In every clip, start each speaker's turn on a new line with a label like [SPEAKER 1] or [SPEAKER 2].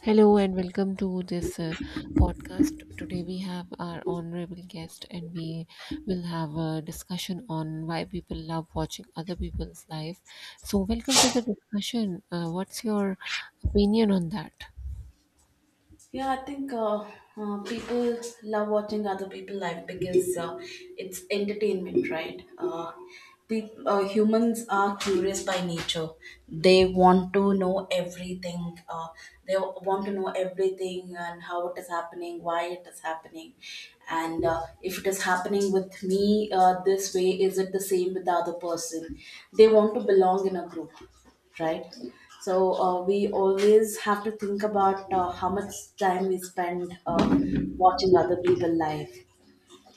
[SPEAKER 1] Hello and welcome to this podcast. Today we have our honorable guest and we will have a discussion on why people love watching other people's life. So, welcome to the discussion. What's your opinion on that?
[SPEAKER 2] Yeah, I think people love watching other people live because it's entertainment, right? Peop Humans are curious by nature. They want to know everything. They want to know everything and how it is happening, why it is happening, and if it is happening with me this way, is it the same with the other person? They want to belong in a group, right. So we always have to think about how much time we spend watching other people life,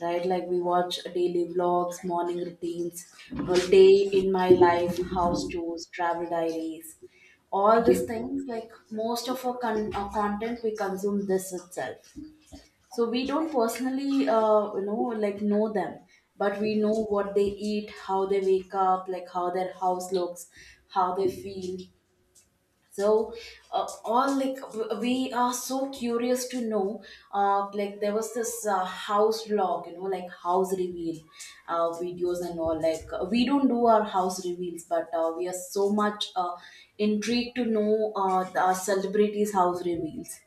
[SPEAKER 2] right? Like we watch daily vlogs, morning routines, a day in my life, house tours, travel diaries, all these
[SPEAKER 1] Yes,
[SPEAKER 2] things. Like most of our, our content, we consume this itself. So we don't personally, like know them, but we know what they eat, how they wake up, like how their house looks, how they feel. So all like we are so curious to know, like there was this house vlog, you know, like house reveal videos and all. Like we don't do our house reveals, but we are so much intrigued to know the celebrities house reveals,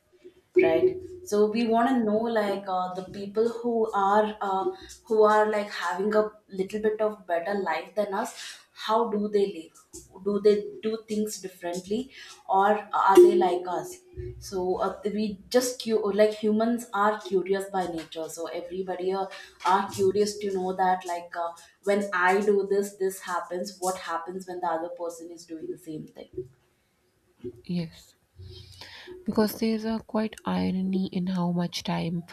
[SPEAKER 2] right? So we want to know, like, the people who are like having a little bit of better life than us, how do they live? Do they do things differently, or are they like us? So we just like humans are curious by nature, so everybody are curious to know that, like, when I do this, this happens. What happens when the other person is doing the same thing?
[SPEAKER 1] yes, because there's a quite irony in how much time,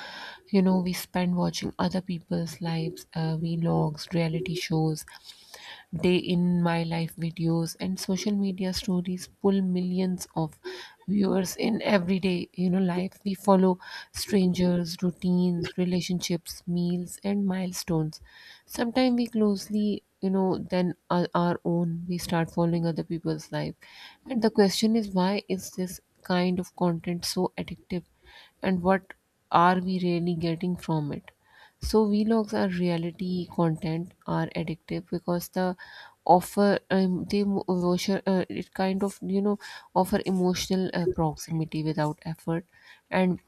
[SPEAKER 1] you know, we spend watching other people's lives, vlogs, reality shows, day in my life videos, and social media stories pull millions of viewers in. Everyday, you know, life, we follow strangers' routines, relationships, meals, and milestones. Sometimes we closely, you know, then our own, we start following other people's life. And the question is, why is this kind of content so addictive, and what are we really getting from it? So vlogs are reality content are addictive because the offer it kind of, you know, offer emotional proximity without effort. And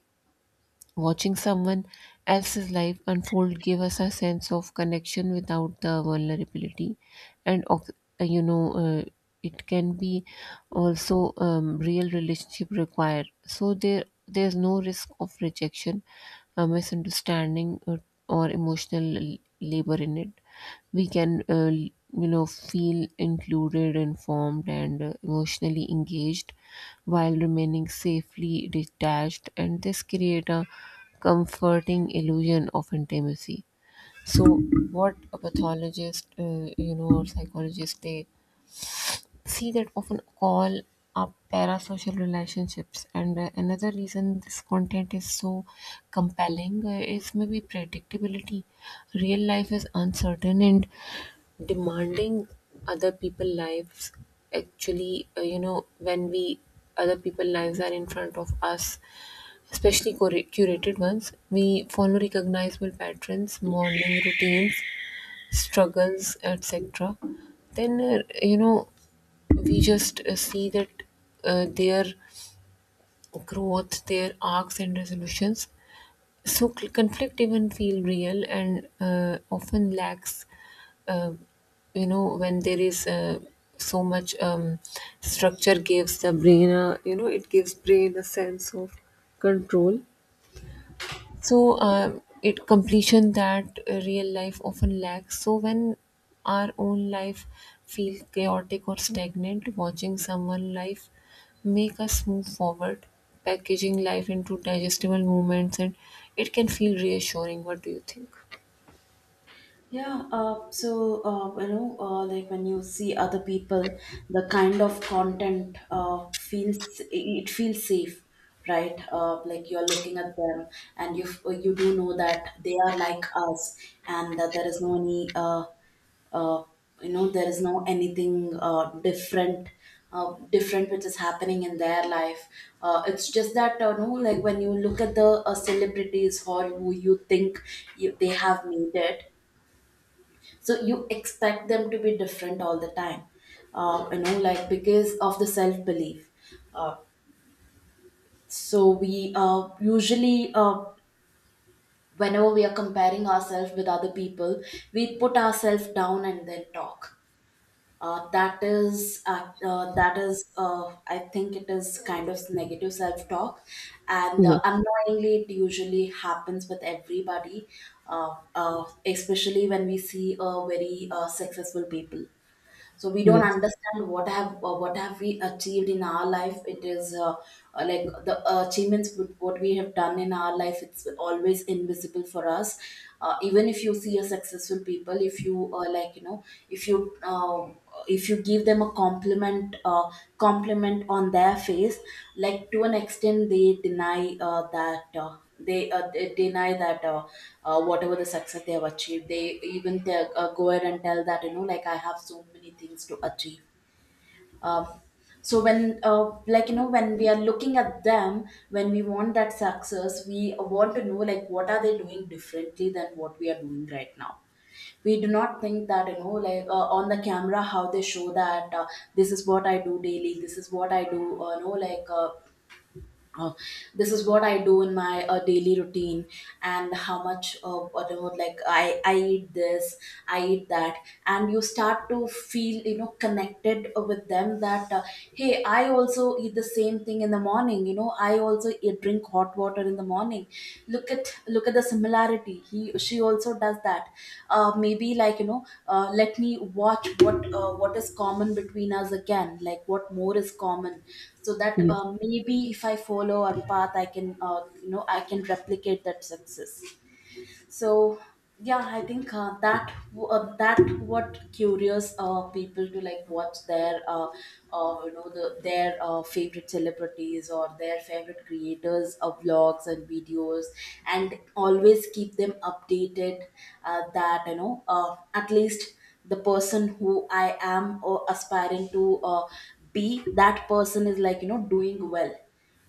[SPEAKER 1] watching someone else's life unfold give us a sense of connection without the vulnerability, and ox- you know, it can be also real relationship required. So there's no risk of rejection, a misunderstanding, or emotional labor in it. We can, you know, feel included, informed, and emotionally engaged while remaining safely detached, and this create a comforting illusion of intimacy. So what a pathologist, you know, or psychologist, they see that often call up parasocial relationships. And another reason this content is so compelling is maybe predictability. Real life is uncertain and demanding. Other people lives actually, you know when we other people lives are in front of us, especially curated ones. We follow recognizable patterns, morning routines, struggles, etc., then, you know, we just see that their growth, their arcs and resolutions. So conflict even feel real and often lacks, uh, you know, when there is so much structure gives the brain, a, you know, it gives brain a sense of control. So it completion that real life often lacks. So when our own life feels chaotic or stagnant, watching someone life make us move forward, packaging life into digestible moments, and it can feel reassuring. What do you think?
[SPEAKER 2] Yeah, so like when you see other people, the kind of content feels it feels safe, right? Like you are looking at them, and you do know that they are like us, and that there is no any uh, there is no anything different which is happening in their life. It's just that, you know, like when you look at the celebrities or who you think you, they have made it, so you expect them to be different all the time, you know, like because of the self-belief. Uh, so we uh, usually, whenever we are comparing ourselves with other people, we put ourselves down and then talk. That is I think it is kind of negative self-talk, and
[SPEAKER 1] Yes,
[SPEAKER 2] unknowingly it usually happens with everybody. Especially when we see very successful people, so we don't
[SPEAKER 1] yes,
[SPEAKER 2] understand what have we achieved in our life. It is like the achievements with what we have done in our life, it's always invisible for us. Even if you see a successful people, if you like, you know, if you uh, if you to give them a compliment, compliment on their face, like, to an extent they deny uh, that uh, they deny that, whatever the success they have achieved, they even they, go ahead and tell that, you know, like, I have so many things to achieve. Um, so when uh, like, you know, when we are looking at them, when we want that success, we want to know, like, what are they doing differently than what we are doing right now. We do not think that, you know, like, on the camera how they show that, this is what I do daily, this is what I do, uh, this is what I do in my daily routine, and how much like, I eat this, I eat that, and you start to feel, you know, connected with them that, hey, I also eat the same thing in the morning, you know, I also eat, drink hot water in the morning. Look at the similarity, he she also does that. Maybe, like, you know, let me watch what is common between us again, like what more is common, so that
[SPEAKER 1] yes.
[SPEAKER 2] maybe if I follow our path, I can, I can replicate that success. So yeah, I think that what curious people to like watch their the, their favorite celebrities or their favorite creators of vlogs and videos and always keep them updated, that, you know, at least the person who I am or aspiring to be, that person is, like, you know, doing well.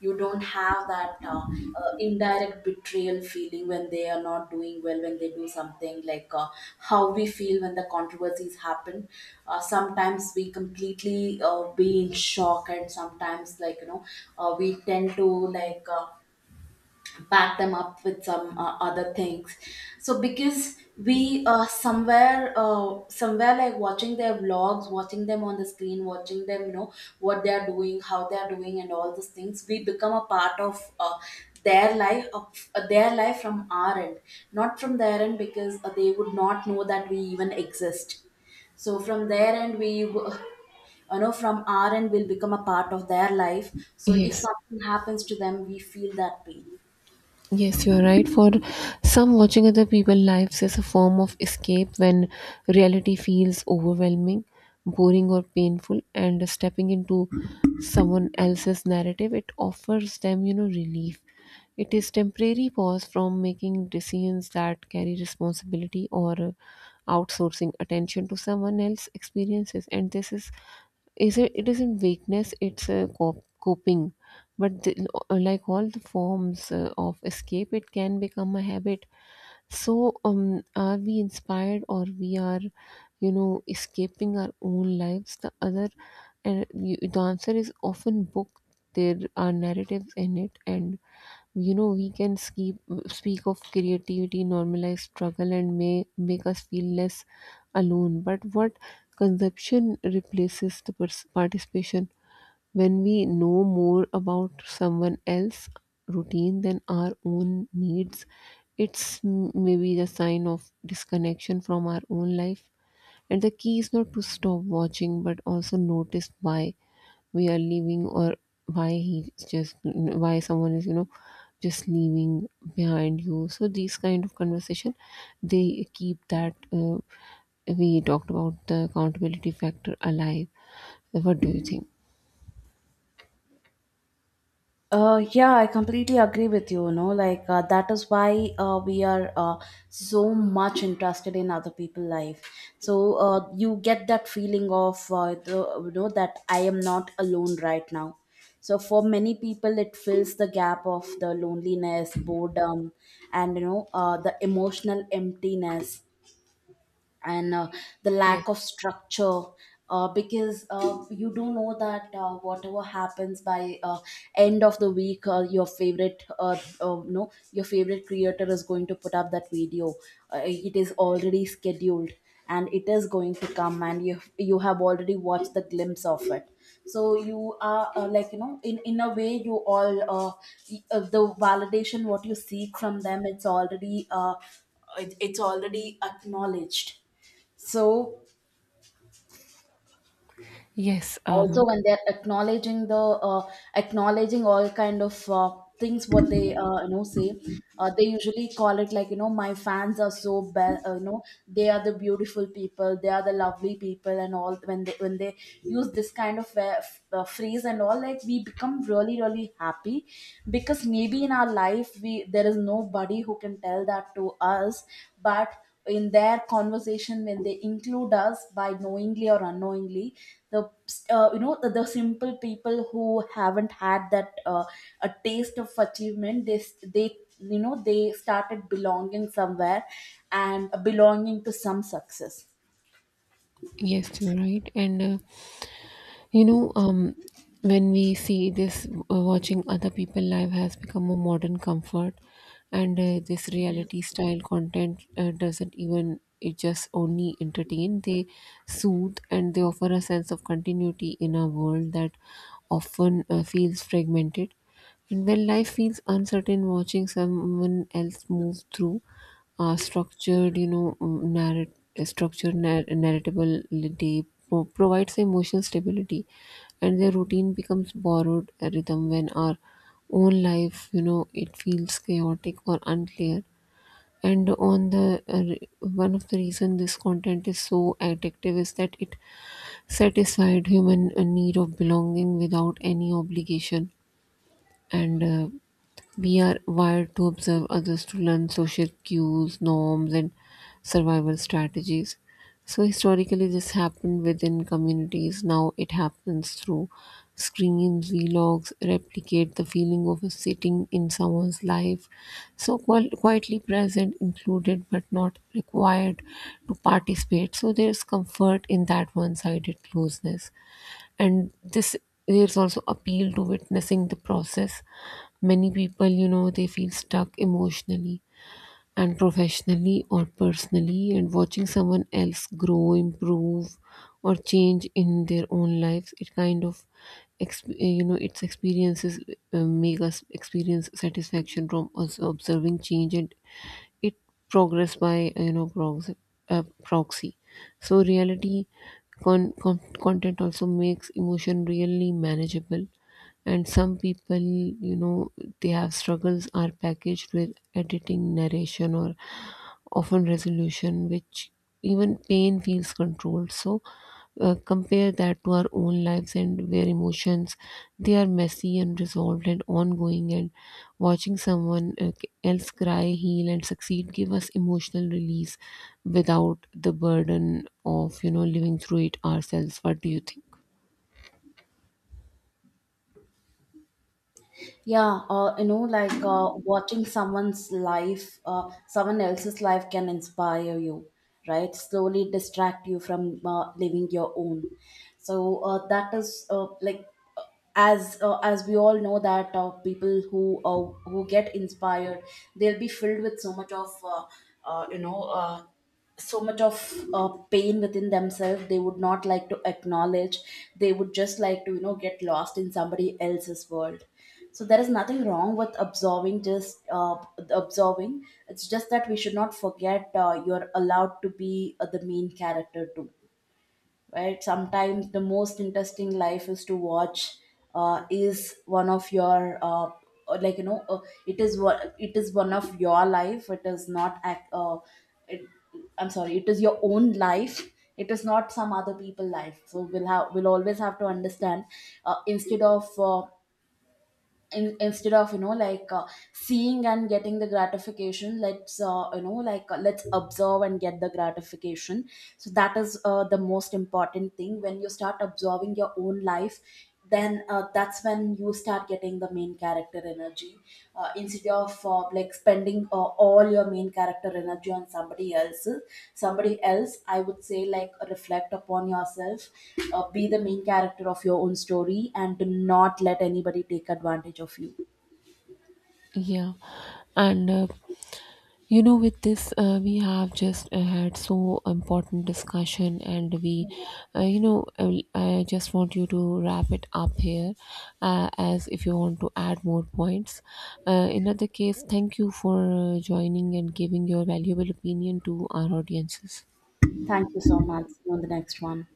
[SPEAKER 2] You don't have that indirect betrayal feeling when they are not doing well, when they do something like, how we feel when the controversies happen. Sometimes we completely be in shock, and sometimes, like, you know, we tend to like uh, back them up with some other things. So because we somewhere somewhere like watching their vlogs, watching them on the screen, watching them, you know, what they are doing, how they are doing, and all those things, we become a part of their life of their life from our end, not from their end, because they would not know that we even exist. So from their end you know, from our end, will become a part of their life. So if
[SPEAKER 1] Yes.
[SPEAKER 2] something happens to them, we feel that pain.
[SPEAKER 1] Yes, you're right. For some, watching other people's lives is a form of escape when reality feels overwhelming, boring, or painful, and stepping into someone else's narrative, it offers them, you know, relief. It is temporary pause from making decisions that carry responsibility or outsourcing attention to someone else's experiences, and this is it, it isn't weakness; it's a coping. But the, like all the forms of escape, it can become a habit. So, are we inspired or we are, you know, escaping our own lives? The other, and you, the answer is often book. There are narratives in it, and you know we can keep speak of creativity, normalize struggle, and may make us feel less alone. But what consumption replaces the participation. When we know more about someone else's routine than our own needs, it's maybe a sign of disconnection from our own life. And the key is not to stop watching, but also notice why we are leaving, or why he's just why someone is, you know, just leaving behind you. So these kind of conversation, they keep that, we talked about the accountability factor alive. What do you think?
[SPEAKER 2] Yeah, I completely agree with you. You know, like, that is why we are so much interested in other people's life. So you get that feeling of the, you know that I am not alone right now. So for many people, it fills the gap of the loneliness, boredom, and, you know, the emotional emptiness, and the
[SPEAKER 1] Yes.
[SPEAKER 2] lack of structure, because you do know that, whatever happens by end of the week, your favorite no your favorite creator is going to put up that video. It is already scheduled, and it is going to come, and you have already watched the glimpse of it. So you are, like, you know, in a way, the validation what you seek from them, it's already it's already acknowledged. So
[SPEAKER 1] Yes,
[SPEAKER 2] also when they're acknowledging the acknowledging all kind of things what they, you know, say, they usually call it, like, you know, my fans are so bad, you know, they are the beautiful people, they are the lovely people, and all, when they use this kind of phrase and all, like, we become really really happy, because maybe in our life we there is nobody who can tell that to us. But in their conversation, when they include us, by knowingly or unknowingly, the the simple people who haven't had that a taste of achievement, they, you know, they started belonging somewhere, and belonging to some success.
[SPEAKER 1] yes, you're right. And you know, when we see this, watching other people live has become a modern comfort, and this reality style content doesn't even it just only entertain. They soothe and they offer a sense of continuity in a world that often feels fragmented. And when life feels uncertain, watching someone else move through structured, you know, structured, narratability provides emotional stability, and their routine becomes borrowed rhythm when our own life, you know, it feels chaotic or unclear. And on the one of the reason this content is so addictive is that it satisfied human need of belonging without any obligation. And we are wired to observe others to learn social cues, norms, and survival strategies. So, historically, this happened within communities. Now it happens through screens, vlogs, replicate the feeling of a sitting in someone's life. So, quietly present, included but not required to participate. So, there's comfort in that one sided closeness, and this, there's also appeal to witnessing the process. Many people, you know, they feel stuck emotionally and professionally or personally, and watching someone else grow, improve, or change in their own lives, it kind of you know its experiences, make us experience satisfaction from us observing change, and it progress by, you know, proxy, proxy. So reality content also makes emotion really manageable. And some people, you know, they have struggles are packaged with editing, narration, or often resolution, which even pain feels controlled. So compare that to our own lives, and where emotions they are messy and resolved and ongoing, and watching someone else cry, heal, and succeed give us emotional release without the burden of, you know, living through it ourselves. What do you think?
[SPEAKER 2] Yeah, you know, like, watching someone's life, someone else's life can inspire you, right? Slowly distract you from living your own. So uh, that is uh, like uh, as uh, as we all know that people who get inspired, they'll be filled with so much of uh, you know uh, so much of pain within themselves they would not like to acknowledge. They would just like to, you know, get lost in somebody else's world. So there is nothing wrong with absorbing, just absorbing. It's just that we should not forget, you're allowed to be the main character too, right? Sometimes the most interesting life is to watch is one of your like, you know, it is what it is, one of your life, it is not it, I'm sorry, it is your own life, it is not some other people life. So we'll always have to understand, instead of, instead of, you know, like, seeing and getting the gratification, let's, let's observe and get the gratification. So that is the most important thing. When you start observing your own life, then that's when you start getting the main character energy, instead of, like, spending all your main character energy on somebody else. Somebody else, I would say, like, reflect upon yourself, be the main character of your own story, and do not let anybody take advantage of you.
[SPEAKER 1] Yeah, and you know, with this, we have just had so important discussion, and we, you know, I just want you to wrap it up here, as if you want to add more points. In other case, thank you for joining and giving your valuable opinion to our audiences.
[SPEAKER 2] Thank you so much. See you on the next one.